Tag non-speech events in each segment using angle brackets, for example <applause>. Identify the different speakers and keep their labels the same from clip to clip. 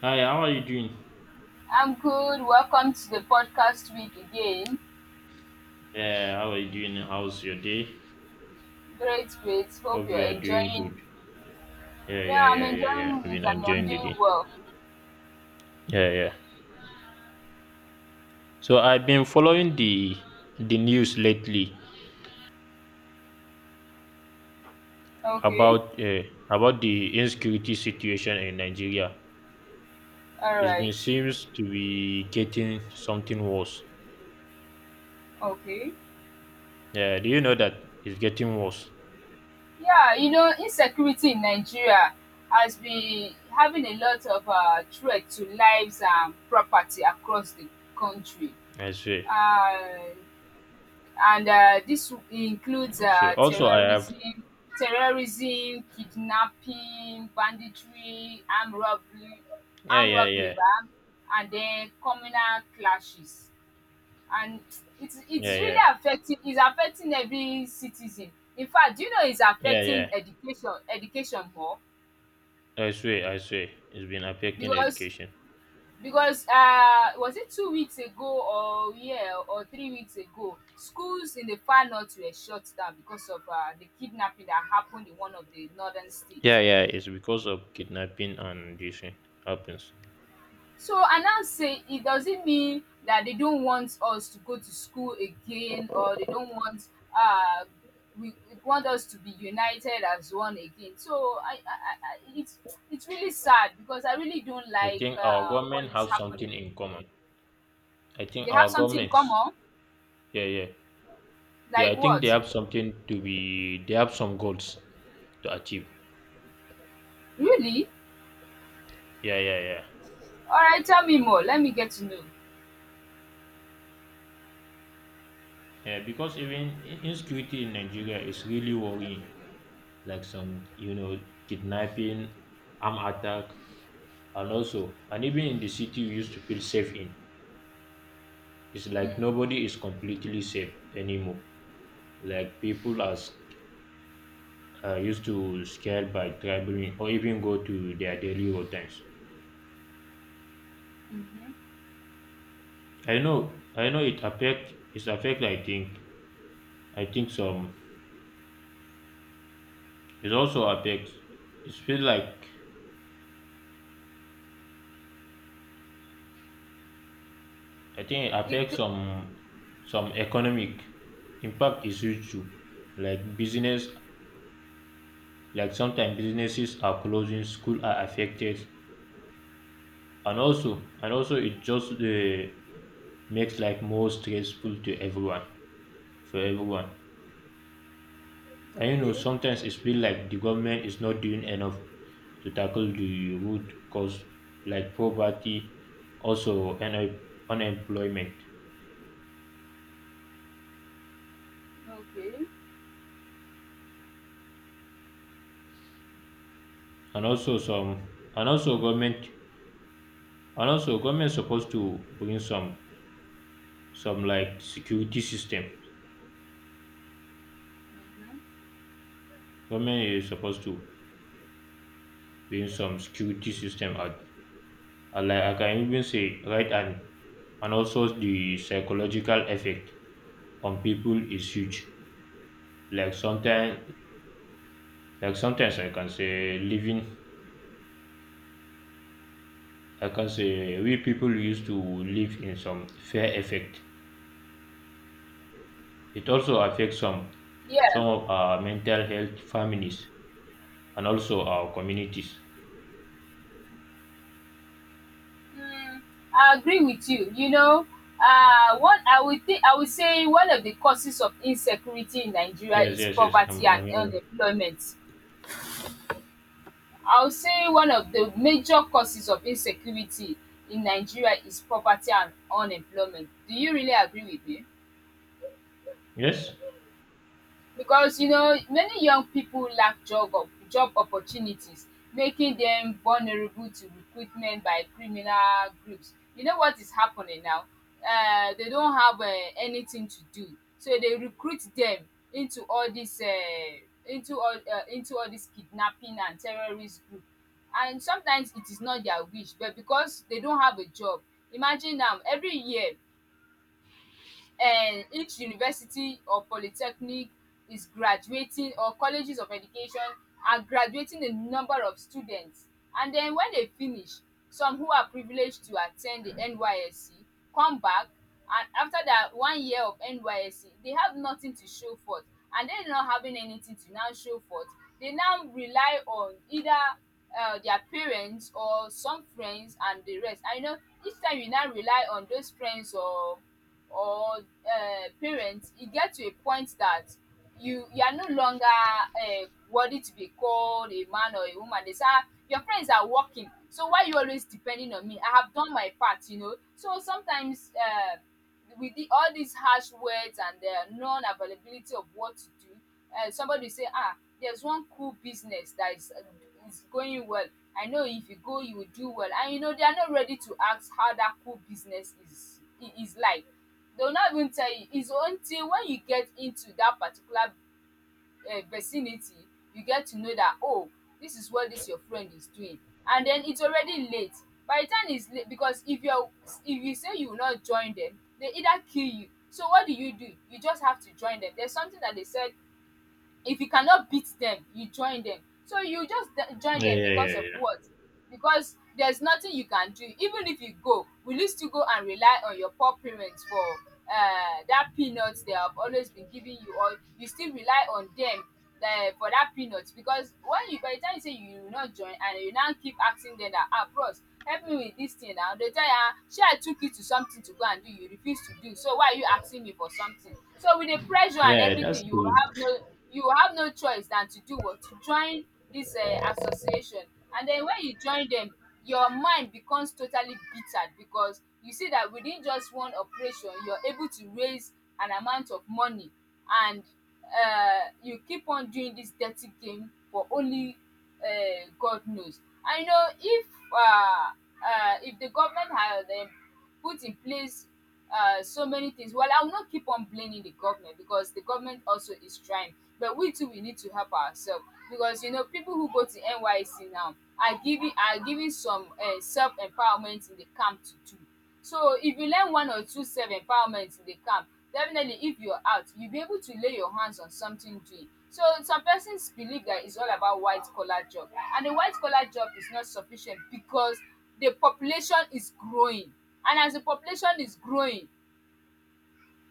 Speaker 1: Hi, how are you doing?
Speaker 2: I'm good. Welcome to the podcast week again.
Speaker 1: Yeah, how are you doing? How's your day?
Speaker 2: Great, great. Hope
Speaker 1: Hope
Speaker 2: you're
Speaker 1: you are doing
Speaker 2: enjoying.
Speaker 1: good. Yeah, yeah,
Speaker 2: Yeah, I'm
Speaker 1: yeah, yeah, yeah.
Speaker 2: enjoying
Speaker 1: I've been
Speaker 2: it and I'm
Speaker 1: enjoying the
Speaker 2: doing
Speaker 1: day.
Speaker 2: well.
Speaker 1: Yeah, yeah. So I've been following the news lately
Speaker 2: Okay.
Speaker 1: about uh, about the insecurity situation in Nigeria.
Speaker 2: All
Speaker 1: It's been
Speaker 2: right.
Speaker 1: seems to be getting something worse.
Speaker 2: Okay.
Speaker 1: Yeah, do you know that it's getting worse?
Speaker 2: Yeah, insecurity in Nigeria has been having a lot of threat to lives and property across the country.
Speaker 1: I swear.
Speaker 2: Uh, and this includes
Speaker 1: I swear. Also, I have.
Speaker 2: terrorism, kidnapping, banditry, armed robbery,
Speaker 1: Yeah,
Speaker 2: armed
Speaker 1: yeah,
Speaker 2: robbery,
Speaker 1: yeah,
Speaker 2: and then communal clashes. And it's
Speaker 1: yeah,
Speaker 2: it's really
Speaker 1: yeah,
Speaker 2: affecting. It's affecting every citizen. In fact, do you know it's
Speaker 1: yeah, yeah.
Speaker 2: affecting education more,
Speaker 1: I swear, I swear. It's been affecting
Speaker 2: because
Speaker 1: education.
Speaker 2: because was it 2 weeks ago, or yeah, or 3 weeks ago, schools in the far north were shut down because of the kidnapping that happened in one of the northern
Speaker 1: Yeah,
Speaker 2: states.
Speaker 1: yeah, it's because of kidnapping and this thing happens.
Speaker 2: So I now say it doesn't mean that they don't want us to go to school again, or they don't want, uh we want us to be united as one again. So it's really sad because I really don't
Speaker 1: I
Speaker 2: like
Speaker 1: think our
Speaker 2: what
Speaker 1: government
Speaker 2: is
Speaker 1: have something
Speaker 2: happening.
Speaker 1: in common. I think
Speaker 2: They have
Speaker 1: our
Speaker 2: something in
Speaker 1: governments,
Speaker 2: common.
Speaker 1: yeah, yeah, yeah. I
Speaker 2: Like
Speaker 1: think they
Speaker 2: what?
Speaker 1: have something to be. They have some goals to achieve.
Speaker 2: Really?
Speaker 1: Yeah, yeah, yeah,
Speaker 2: Alright, tell me more. Let me get to know.
Speaker 1: yeah. Because insecurity in Nigeria is really worrying. Like some, kidnapping, armed attack, and also, and even in the city we used to feel safe in, it's
Speaker 2: Mm.
Speaker 1: like nobody is completely safe anymore. Like people are used to scared by traveling or even go to their daily routines.
Speaker 2: Mhm.
Speaker 1: I know it affect. It's affect. I think. I think some. It also affects. It feel like I think it
Speaker 2: It
Speaker 1: affects some economic impact is huge too. Like business, like sometimes businesses are closing, school are affected, and also it just makes life more stressful to everyone for everyone. And you know,
Speaker 2: Okay,
Speaker 1: sometimes it feels like the government is not doing enough to tackle the root cause, like poverty, also unemployment,
Speaker 2: okay.
Speaker 1: and also some, and also government is supposed to bring some like security system. Government is supposed to bring some security system out, and like I can even say, right and also the psychological effect on people is huge. Like sometimes, like sometimes I can say living I can say we people used to live in some fear effect. It also affects
Speaker 2: Yeah,
Speaker 1: some of our mental health, families, and also our communities.
Speaker 2: I agree with you. What I would think I would say one of the causes of insecurity in Nigeria
Speaker 1: Yes,
Speaker 2: is
Speaker 1: yes, yes.
Speaker 2: poverty and
Speaker 1: I'm here.
Speaker 2: unemployment. I would say one of the major causes of insecurity in Nigeria is poverty and unemployment. Do you really agree with me?
Speaker 1: Yes.
Speaker 2: Because you know many young people lack job opportunities, making them vulnerable to recruitment by criminal groups. You know what is happening now? They don't have anything to do, so they recruit them into all this uh, into all this kidnapping and terrorist group. And sometimes it is not their wish, but because they don't have a job. Imagine now, every year, and each university or polytechnic is graduating, or colleges of education are graduating, a number of students. And then when they finish, some who are privileged to attend the NYSC come back, and after that one year of NYSC they have nothing to show forth. And them not having anything to now show forth, they now rely on either their parents or some friends and the rest I know. Each time you now rely on those friends or parent, e get to a point that you are no longer worthy to be called a man or a woman. They say, ah, your friends are working, so why you always depending on me? I have done my part. So sometimes, with the all these harsh words and non availability of what to do, somebody say, ah, there's one cool business that is going well. I know if you go you will do well. And you know they are not ready to ask how that cool business is. Is like they will not even tell you, it's until when you get into that particular vicinity you get to know that, oh, this is what this your friend is doing. And then it's already late. By the time it's late, because if you say you will not join them, they either kill you. So what do you do? You just have to join them. There's something that they said: if you cannot beat them, you join them. So you just join
Speaker 1: Yeah,
Speaker 2: them,
Speaker 1: yeah, yeah,
Speaker 2: because of
Speaker 1: yeah.
Speaker 2: what? Because there's nothing you can do. Even if you go, will you still go and rely on your poor parents for that peanut they have always been giving you? Or you still rely on them for that peanut? Because when you by the time you say you will not join, and you now keep asking them that, ah bros, help me with this thing now, they tell you, ah shey, I took you to something to go and do, you refuse to do, so why are you asking me for something? So with the pressure and
Speaker 1: Yeah, that's
Speaker 2: everything, you will
Speaker 1: true.
Speaker 2: have no you will have no choice than to do what? To join this association. And then when you join them, your mind becomes totally bitter, because you see that within just one operation you're able to raise an amount of money. And you keep on doing this dirty game for only God knows. I know if the government had put in place so many things. Well, I will not keep on blaming the government, because the government also is trying, but we too we need to help ourselves. Because you know people who go to NYC now are giving some self empowerment in the camp to do. So if you learn one or two self empowerment in the camp, definitely, if you're out, you'll be able to lay your hands on something doing. So some persons believe that it's all about white collar job, and the white collar job is not sufficient because the population is growing, and as the population is growing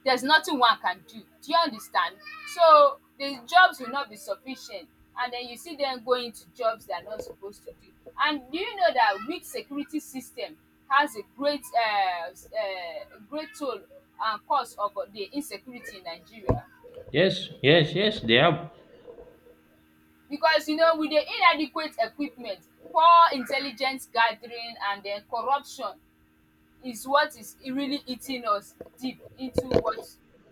Speaker 2: there's nothing one can do. Do you understand? So the jobs will not be sufficient, and then you see them going to jobs they are not supposed to do. And do you know that weak security system has a great toll and cause of the insecurity in Nigeria?
Speaker 1: Yes, yes, yes. They have
Speaker 2: Because with the inadequate equipment, poor intelligence gathering, and then corruption is what is really eating us deep into what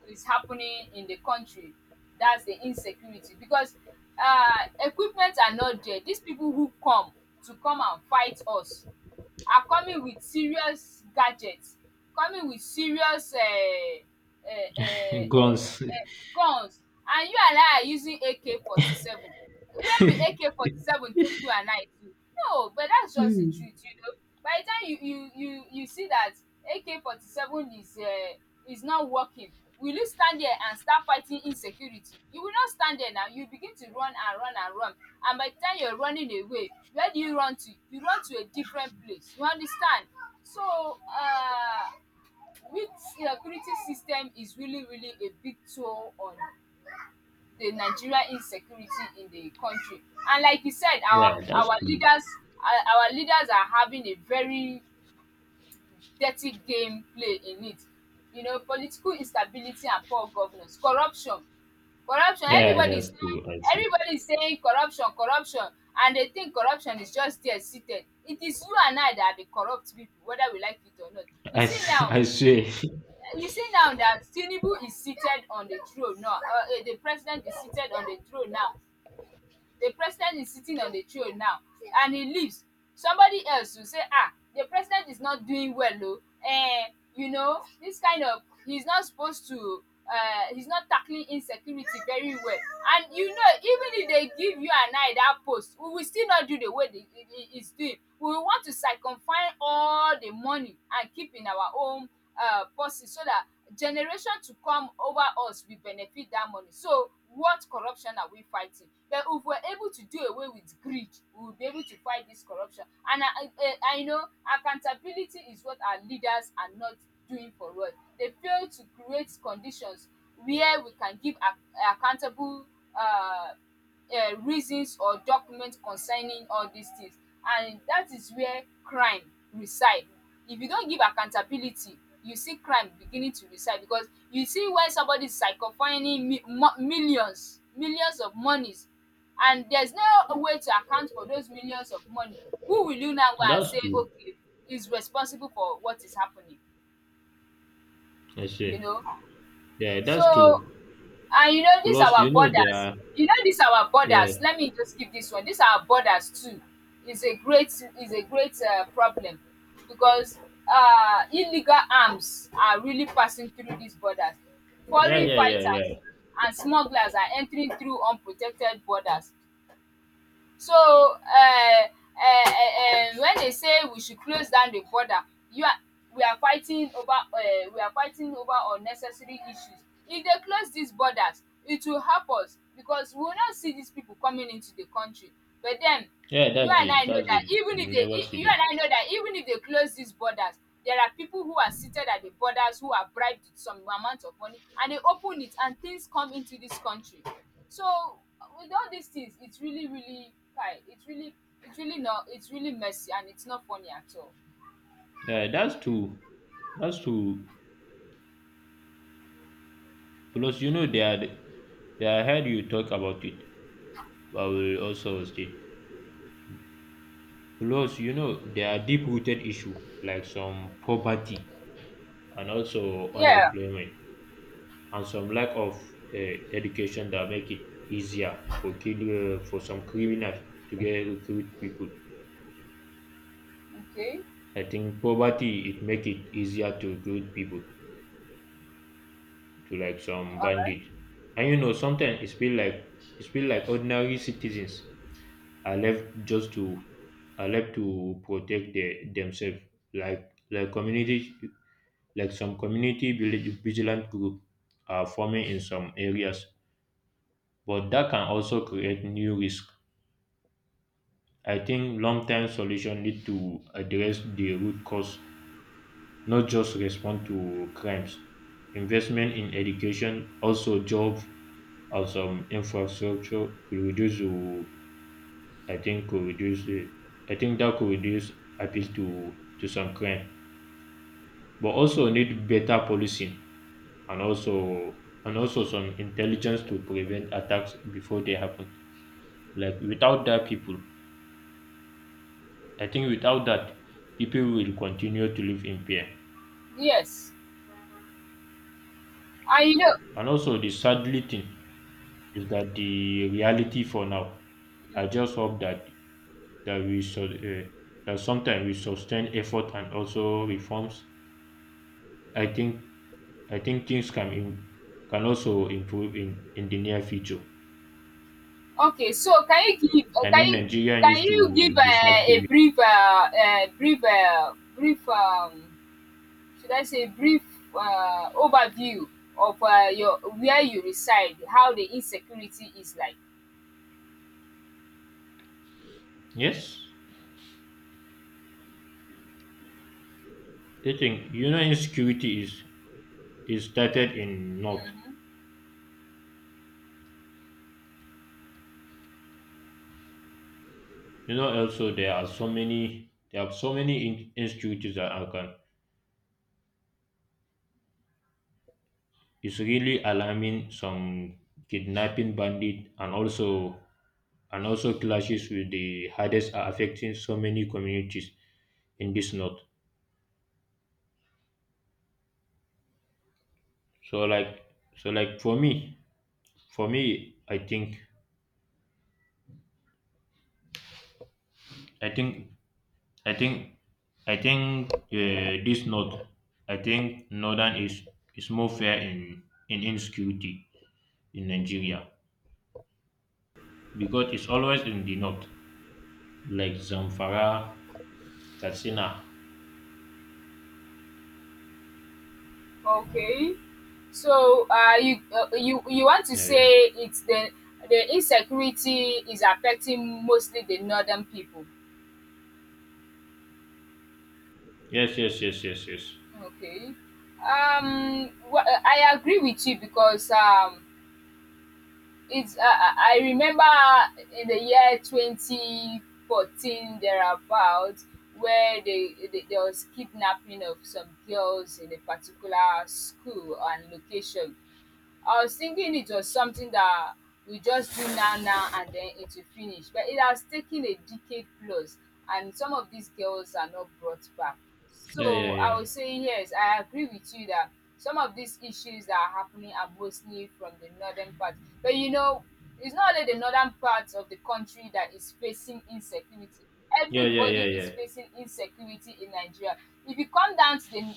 Speaker 2: is happening in the country. That's the insecurity because equipment are not there. These people who come and fight us are coming with serious gadgets, coming with serious
Speaker 1: <laughs> guns.
Speaker 2: guns, and you and I are using AK47. Where will AK47 take you and I to? No, but that's just the
Speaker 1: Mm.
Speaker 2: truth. By the time you see that AK47 is not working, will you stand there and start fighting insecurity? You will not stand there now. You begin to run and run and run. And by the time you're running away, where do you run to? You run to a different place. You understand? So, which security system is really, really a big toll on the Nigeria insecurity in the country. And like you said,
Speaker 1: Yeah,
Speaker 2: our
Speaker 1: that's
Speaker 2: our
Speaker 1: true.
Speaker 2: leaders our our leaders are having a very dirty gameplay in it. Political instability and poor governance, corruption. Corruption,
Speaker 1: Yeah,
Speaker 2: everybody is
Speaker 1: that's
Speaker 2: saying
Speaker 1: true. I see.
Speaker 2: everybody is saying corruption, corruption, and they think corruption is just there seated. It is you and I that are the corrupt people whether we like it or not. You see
Speaker 1: <laughs>
Speaker 2: now
Speaker 1: I say
Speaker 2: you see now that Tinubu is seated on the throne now, the president is seated on the throne now, the president is sitting on the throne now, and he leaves. Somebody else will say, ah, the president is not doing well, o. And this kind of, he's not tackling insecurity very well. And even if they give you and I that post, we will still not do the way they he is doing. We will want to circumfine all the money and keep in our own purses, so that generation to come over us will benefit that money. So what corruption are we fighting? But if we're able to do away with greed, we will be able to fight this corruption. And I know accountability is what our leaders are not doing for us. They fail to create conditions where we can give ac accountable um reasons or document concerning all these things. And that is where crime reside. If you don't give accountability, you see crime beginning to reside, because you see when somebody is psychophiling mi mo millions millions of monies, and there is no way to account for those millions of money, who will you now go
Speaker 1: <laughs>
Speaker 2: and
Speaker 1: that's
Speaker 2: say
Speaker 1: true.
Speaker 2: okay is responsible for what is happening
Speaker 1: I
Speaker 2: you
Speaker 1: say
Speaker 2: know.
Speaker 1: yeah, that's
Speaker 2: So.
Speaker 1: true.
Speaker 2: And this
Speaker 1: Plus, you
Speaker 2: our
Speaker 1: know, they
Speaker 2: borders,
Speaker 1: are
Speaker 2: this our borders,
Speaker 1: yeah,
Speaker 2: let me just give this one. This our borders too is a great is a great problem, because illegal arms are really passing through these borders.
Speaker 1: yeah,
Speaker 2: Foreign
Speaker 1: yeah, yeah,
Speaker 2: fighters
Speaker 1: yeah.
Speaker 2: and smugglers are entering through unprotected borders. So when they say we should close down the border, you are we are fighting over unnecessary issues. If they close these borders it will help us, because we will not see these people coming into the country. But then
Speaker 1: Yeah,
Speaker 2: you
Speaker 1: that's
Speaker 2: and
Speaker 1: it.
Speaker 2: I know
Speaker 1: That's
Speaker 2: that
Speaker 1: it.
Speaker 2: even if
Speaker 1: You
Speaker 2: they
Speaker 1: never
Speaker 2: e
Speaker 1: see
Speaker 2: you and
Speaker 1: them.
Speaker 2: I know that even if they close these borders, there are people who are seated at the borders who are bribed with some amount of money, and they open it and things come into this country. So with all these things, it's really it's really not it's really messy and it's not funny at all.
Speaker 1: Yeah, that's true. That's true. Plus, you know, they are. They I heard you talk about it. I will also state. Plus, you know, there are deep-rooted issue like some poverty and also
Speaker 2: Yeah,
Speaker 1: unemployment and some lack of uh, education that make it easier for kill for some criminals to get recruit people.
Speaker 2: okay.
Speaker 1: I think poverty it make it easier to recruit people to like some bandit. And you know, sometimes it's feel like ordinary citizens are left just to are left to protect themselves. Like community like some community village vigilant group are forming in some areas. But that can also create new risk. I think long term solution need to address the root cause, not just respond to crimes. Investment in education, also job of some infrastructure could reduce the I think could reduce the I think that could reduce appeal to some crime. But also need better policing and also some intelligence to prevent attacks before they happen. Like without that people I think without that people will continue to live in fear.
Speaker 2: Yes. And you know
Speaker 1: And also the sadly thing is that the reality for now I just hope that that we so that sometimes we sustain effort and also reforms. I think I think things can can also improve in the near future.
Speaker 2: okay, so
Speaker 1: I mean, Nigeria
Speaker 2: can
Speaker 1: used
Speaker 2: you
Speaker 1: to
Speaker 2: give
Speaker 1: deserve to
Speaker 2: a
Speaker 1: be
Speaker 2: brief brief brief should I say, brief overview of your where you reside, how the insecurity is like.
Speaker 1: yes. I think you know insecurity is started in north. You know also there are so many there are so many insecurities that are can. It's really alarming. Some kidnapping bandit and also clashes with the hardest are affecting so many communities in this north. So like so like for me I think I think I think I think this north I think northern is more fair in insecurity in Nigeria because it's always in the north like Zamfara, Katsina.
Speaker 2: Okay, so you you want to
Speaker 1: Yeah, yeah.
Speaker 2: say it's the insecurity is affecting mostly the northern people.
Speaker 1: Yes, yes, yes, yes, yes.
Speaker 2: Okay, I agree with you because it's I remember in the year 2014 thereabouts where they there was kidnapping of some girls in a particular school and location. I was thinking it was something that we just do now, now, and then it will finish. But it has taken a decade plus, and some of these girls are not brought back.
Speaker 1: Yeah, yeah,
Speaker 2: So I
Speaker 1: yeah.
Speaker 2: was saying, yes, I agree with you that some of these issues that are happening are mostly from the northern part. But you know, it's not only the northern part of the country that is facing insecurity.
Speaker 1: Yeah, yeah, yeah,
Speaker 2: Everybody is
Speaker 1: yeah.
Speaker 2: facing insecurity in Nigeria. If you come down to the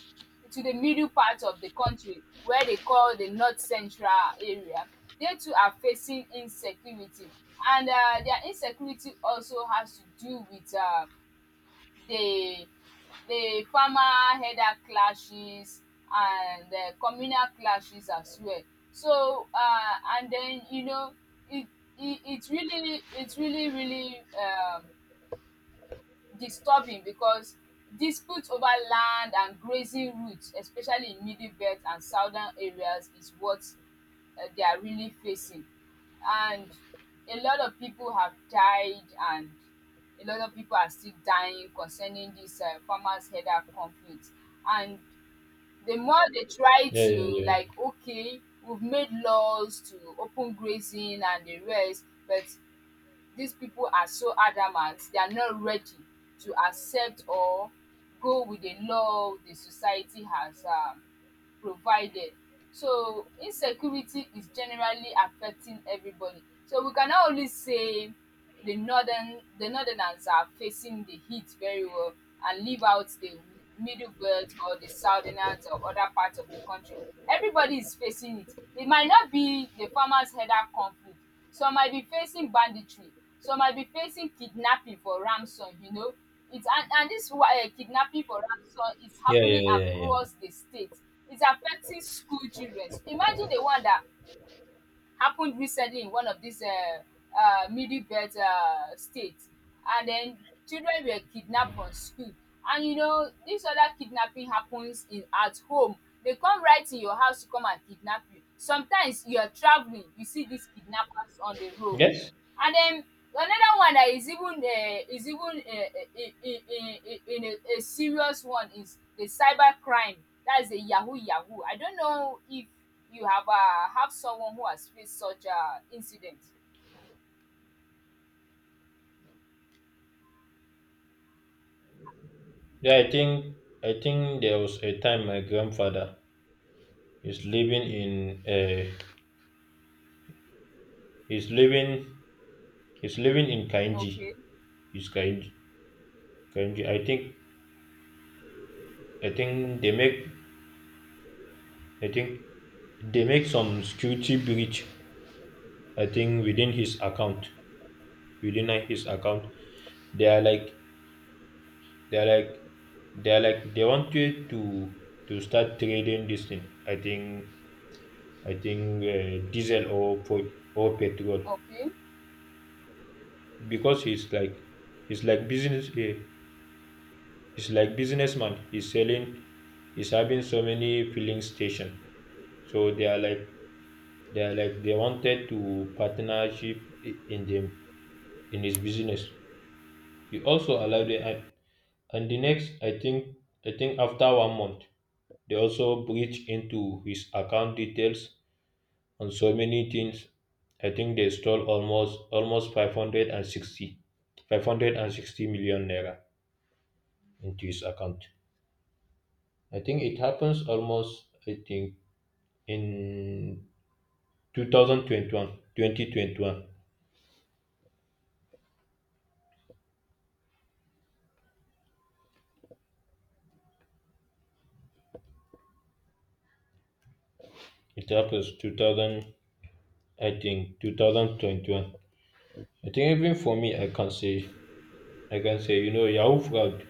Speaker 2: to the middle part of the country where they call the north central area. They too are facing insecurity, and their insecurity also has to do with the the farmer header clashes and communal clashes as well. So and then you know it it really it really really disturbing because disputes over land and grazing routes, especially in middle belt and southern areas, is what they are really facing, and a lot of people have died, and a lot of people are still dying concerning this farmers header conflict. And the more they try
Speaker 1: Yeah,
Speaker 2: to,
Speaker 1: yeah,
Speaker 2: like,
Speaker 1: yeah.
Speaker 2: okay, we've made laws to open grazing and the rest, but these people are so adamant, they are not ready to accept or go with the law the society has provided. So insecurity is generally affecting everybody, so we cannot only say the northerners are facing the heat very well and leave out the middle belt or the southerners or other parts of the country. Everybody is facing it. It might not be the farmers header conflict. Some might be facing banditry, some might be facing kidnapping for ransom, you know. It's and this wa kidnapping for ransom is
Speaker 1: Yeah, yeah,
Speaker 2: happening
Speaker 1: yeah, yeah.
Speaker 2: across the state. It's affecting school children. Imagine the one that happened recently in one of these middle belt states. And then children were kidnapped from school. And you know, this other kidnapping happens in at home. They come right to your house to come and kidnap you. Sometimes you are traveling, you see these kidnappers on the road.
Speaker 1: Yes,
Speaker 2: And then another one that is even in a serious one is the cybercrime. That's the yahoo yahoo. I don't know if you have someone who has faced such incident.
Speaker 1: yeah, I think there was a time my grandfather is living in he's living he's living in Kainji.
Speaker 2: Okay,
Speaker 1: He's Kainji. Kainji. I think they make I think they make some security breach. I think within his account they are like they are like they are like they wanted to start trading this thing. I think diesel or petrol
Speaker 2: okay.
Speaker 1: because he's like he's like he's like businessman he's selling he's having so many filling station so they are like they are like they wanted to partnership in them in his business. He also allowed it, and the next I think I think after 1 month they also breached into his account details on so many things. I think they stole almost 560, 560 million naira into his account. I think it happens almost, I think, in 2021, 2021. It happens 2000, I think, 2021. I think even for me, I can say, you know, Yahoo fraud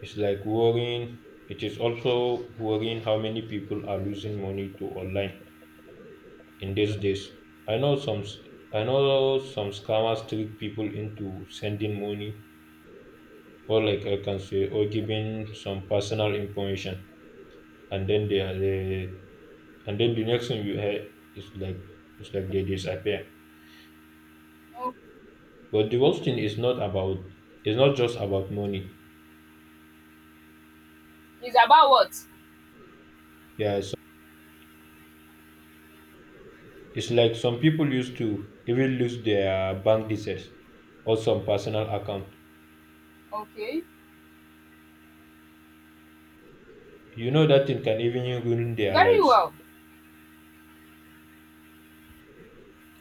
Speaker 1: is like worrying. It is also worrying how many people are losing money to online in these days. I know some, s- I know some scammers trick people into sending money or like I can say, or giving some personal information, and then and then the next thing you hear is like it's like they disappear.
Speaker 2: O
Speaker 1: But the worst thing is not about it's not just about money.
Speaker 2: it's about what?
Speaker 1: Yeah, so it's like some people used to even lose their bank details or some personal account.
Speaker 2: Okay,
Speaker 1: You know that thing can even ruin their
Speaker 2: very
Speaker 1: lives.
Speaker 2: well.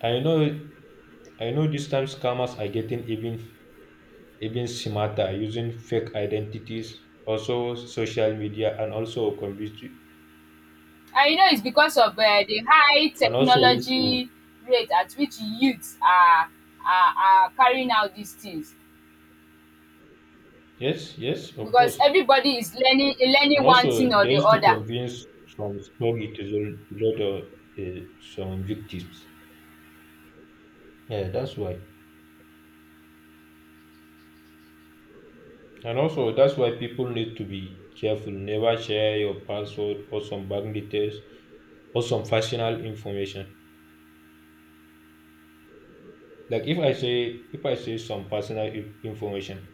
Speaker 1: I know I know these times scammers are getting even smarter using fake identities, also social media and also convince you
Speaker 2: And you know it's because of the high
Speaker 1: and also used to
Speaker 2: technology rate at which youths are are carrying out these things.
Speaker 1: yes, yes, of
Speaker 2: Because
Speaker 1: course.
Speaker 2: everybody is learning
Speaker 1: And
Speaker 2: one
Speaker 1: also,
Speaker 2: thing or
Speaker 1: they
Speaker 2: the
Speaker 1: used to
Speaker 2: other.
Speaker 1: convince some story to the, some victims. Yeah, that's why. And also, that's why people need to be careful. Never share your password or some bank details or some personal information. Like if I say some personal information,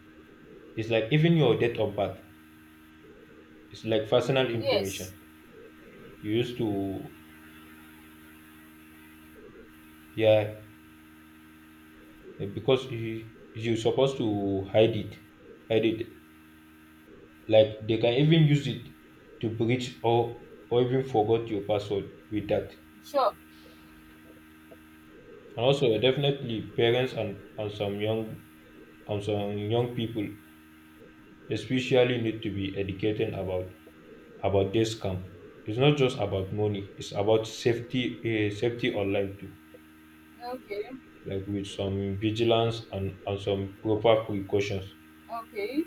Speaker 1: it's like even your date of birth. It's like personal
Speaker 2: Yes,
Speaker 1: information. You used to yeah because you supposed to hide it, hide it. Like they can even use it to breach or even forgot your password with that.
Speaker 2: sure.
Speaker 1: And also definitely parents and some young people especially need to be educated about this scam. It's not just about money, it's about safety online too.
Speaker 2: Okay,
Speaker 1: Like with some vigilance and some proper precautions.
Speaker 2: okay.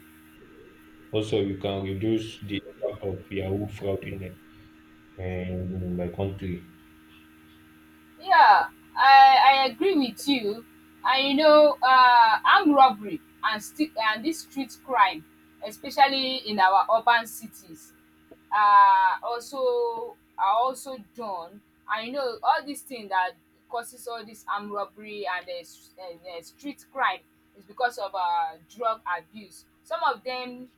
Speaker 1: Also you can reduce the impact of Yahoo fraud in the, my country.
Speaker 2: Yeah, I I agree with you. And you know, armed robbery and this street crime, especially in our urban cities, are also done. And you know, all these things that causes all this armed robbery and the street crime is because of drug abuse. Some of them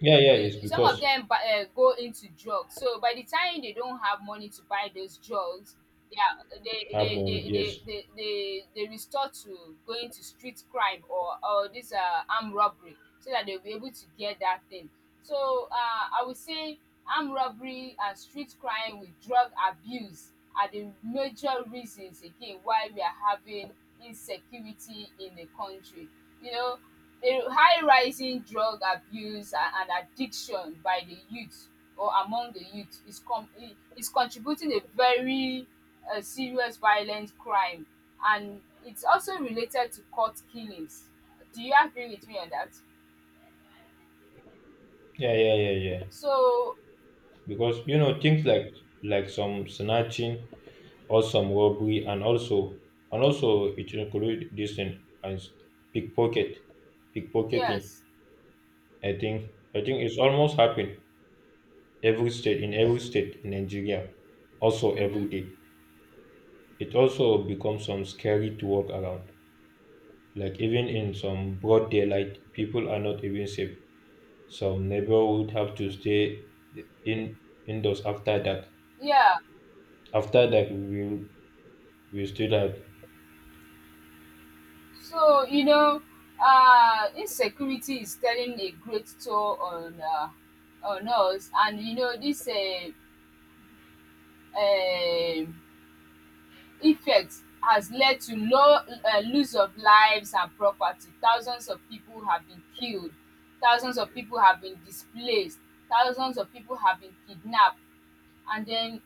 Speaker 1: Yeah, yeah, it's because
Speaker 2: go into drugs, so by the time they don't have money to buy those drugs, they are
Speaker 1: have money, yes.
Speaker 2: they restore to going to street crime or this armed robbery so that they'll be able to get that thing. So I would say armed robbery and street crime with drug abuse are the major reasons again why we are having insecurity in the country. You know, the high rising drug abuse and addiction by the youth or among the youth is is contributing a very serious violent crime, and it's also related to court killings. Do you agree with me on that?
Speaker 1: Yeah, yeah, yeah, yeah.
Speaker 2: So
Speaker 1: Because you know things like some snatching or some robbery, and also it include this in and s- pickpocket, pickpocketing.
Speaker 2: yes.
Speaker 1: I think it's almost happened every state in Nigeria, also every
Speaker 2: Mhm.
Speaker 1: day. It also becomes some scary to walk around. Like even in some broad daylight, people are not even safe. Some neighborhood have to stay in indoors after dark.
Speaker 2: Yeah.
Speaker 1: After that, we still had
Speaker 2: So you know insecurity is telling a great toll on us, and you know this um effect has led to low loss of lives and property. Thousands of people have been killed, thousands of people have been displaced, thousands of people have been kidnapped, and then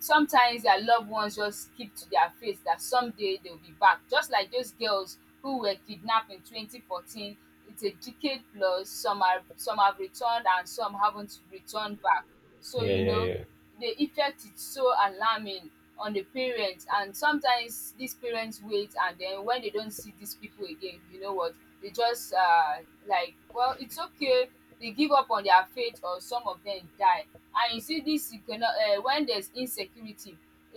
Speaker 2: sometimes their loved ones just keep to their face that someday they'll be back. Just like those girls who were kidnapped in 2014, it's a decade plus, some have returned and some haven't returned back. So,
Speaker 1: yeah,
Speaker 2: you
Speaker 1: yeah,
Speaker 2: know,
Speaker 1: yeah.
Speaker 2: the effect is so alarming on the parents. And sometimes these parents wait, and then when they don't see these people again, you know what? They just like, well, it's okay. They give up on their faith, or some of them die. And you see this when there's insecurity,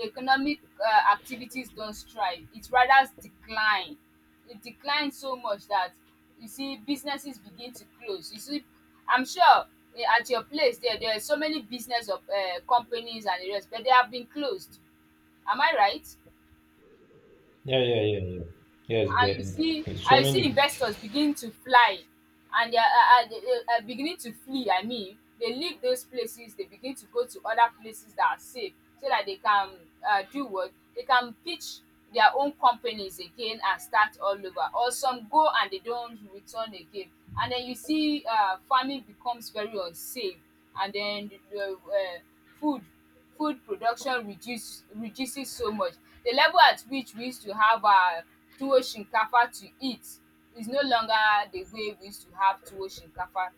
Speaker 2: economic activities don't thrive, it rather decline. It declines so much that you see businesses begin to close, you see I'm sure eh, at your place there, there are so many business of companies and the rest but they have been closed, am I right?
Speaker 1: Yeah, yeah, yeah, yeah. Yes,
Speaker 2: And you
Speaker 1: there
Speaker 2: see
Speaker 1: it's so
Speaker 2: and you see
Speaker 1: many.
Speaker 2: investors begin to fly, and they are beginning to flee, I mean, they leave those places, they begin to go to other places that are safe so that they can do what they can pitch their own companies again and start all over, or some go and they don't return again. And then you see farming becomes very unsafe, and then the food production reduces so much. The level at which we used to have tuwo shinkafa to eat is no longer the way we used to have tuwo shinkafa,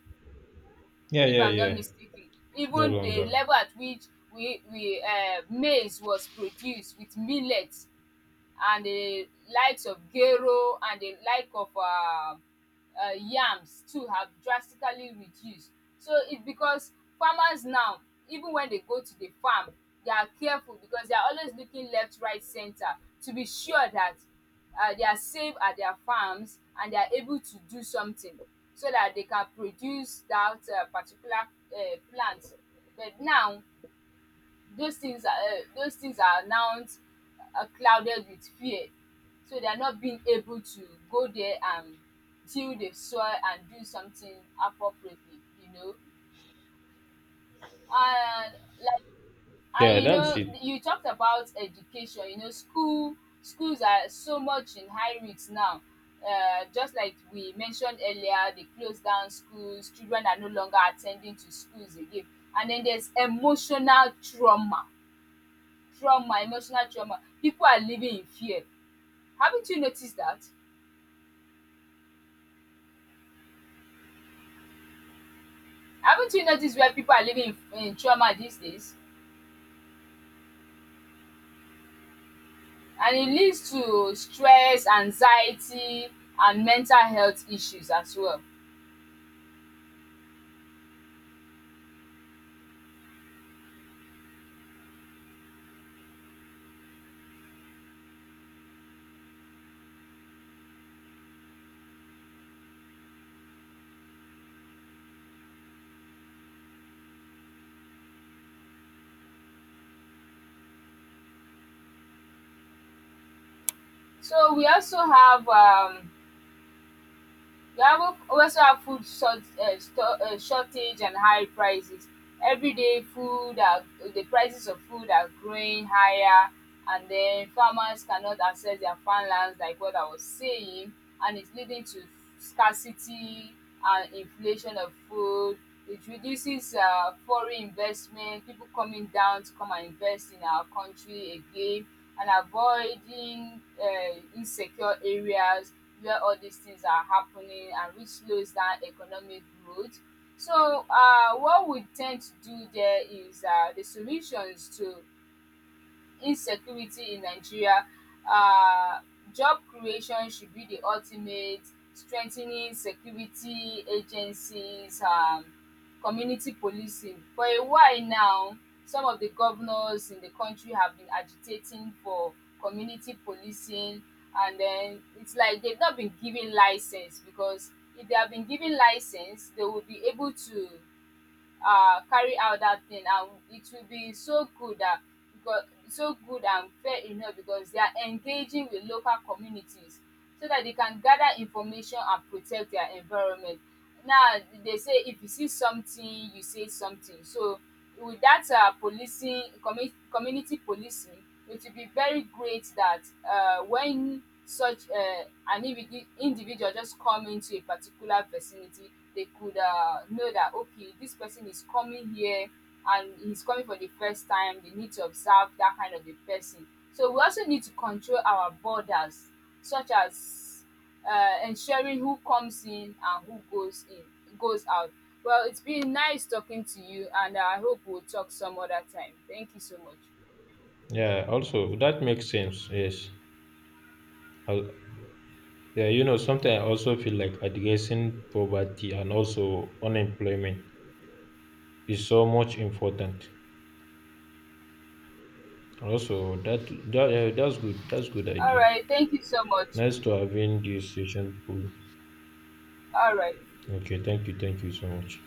Speaker 1: Yeah,
Speaker 2: if
Speaker 1: yeah,
Speaker 2: I'm
Speaker 1: yeah.
Speaker 2: not mistaken.
Speaker 1: It's no
Speaker 2: Even the
Speaker 1: longer.
Speaker 2: level at which we maize was produced with millet and the likes of gero and the like of yams too have drastically reduced. So it's because farmers now, even when they go to the farm, they are careful because they are always looking left right centre to be sure that they are safe at their farms and they are able to do something so that they can produce that particular plant. But now those things are now clouded with fear, so they are not being able to go there and till the soil and do something appropriately, you know. And like,
Speaker 1: Yeah,
Speaker 2: and you
Speaker 1: that's
Speaker 2: know,
Speaker 1: it.
Speaker 2: you talked about education, you know, schools are so much in high risk now, just like we mentioned earlier, they close down schools, children are no longer attending to schools again. And then there's emotional trauma, emotional trauma, people are living in fear. Haven't you noticed that? Haven't you noticed where people are living in trauma these days? And it leads to stress, anxiety, and mental health issues as well. So we also have Gabon also have food shortage and high prices. Everyday food, are, the prices of food are growing higher, and then farmers cannot access their farmlands, like what I was saying, and it's leading to scarcity and inflation of food. It reduces foreign investment, people coming down to come and invest in our country again, and avoiding insecure areas where all these things are happening and which slows down economic growth. So, what we tend to do there is the solutions to insecurity in Nigeria: um job creation should be the ultimate, strengthening security agencies, community policing. For a while now some of the governors in the country have been agitating for community policing, and then it's like they've not been given licence, because if they have been given licence they will be able to carry out that thing and it will be so good, that because so good and fair enough because they are engaging with local communities so that they can gather information and protect their environment. Now they say if you see something you say something, so with that community policing, it will be very great that when such an individual just come into a particular vicinity they could know that okay this person is coming here and he's coming for the first time, they need to observe that kind of a person. So we also need to control our borders, such as ensuring who comes in and who goes out. Well, it's been nice talking to you, and I hope we'll talk some other time. Thank you so much.
Speaker 1: Yeah, also that makes sense. Yes. Al- yeah, you know, sometimes I also feel like addressing poverty and also unemployment is so much important. Also, that yeah, that's good. That's good
Speaker 2: All
Speaker 1: idea.
Speaker 2: right, thank you so much.
Speaker 1: Nice to having this session. Paul.
Speaker 2: All right.
Speaker 1: Okay, thank you so much.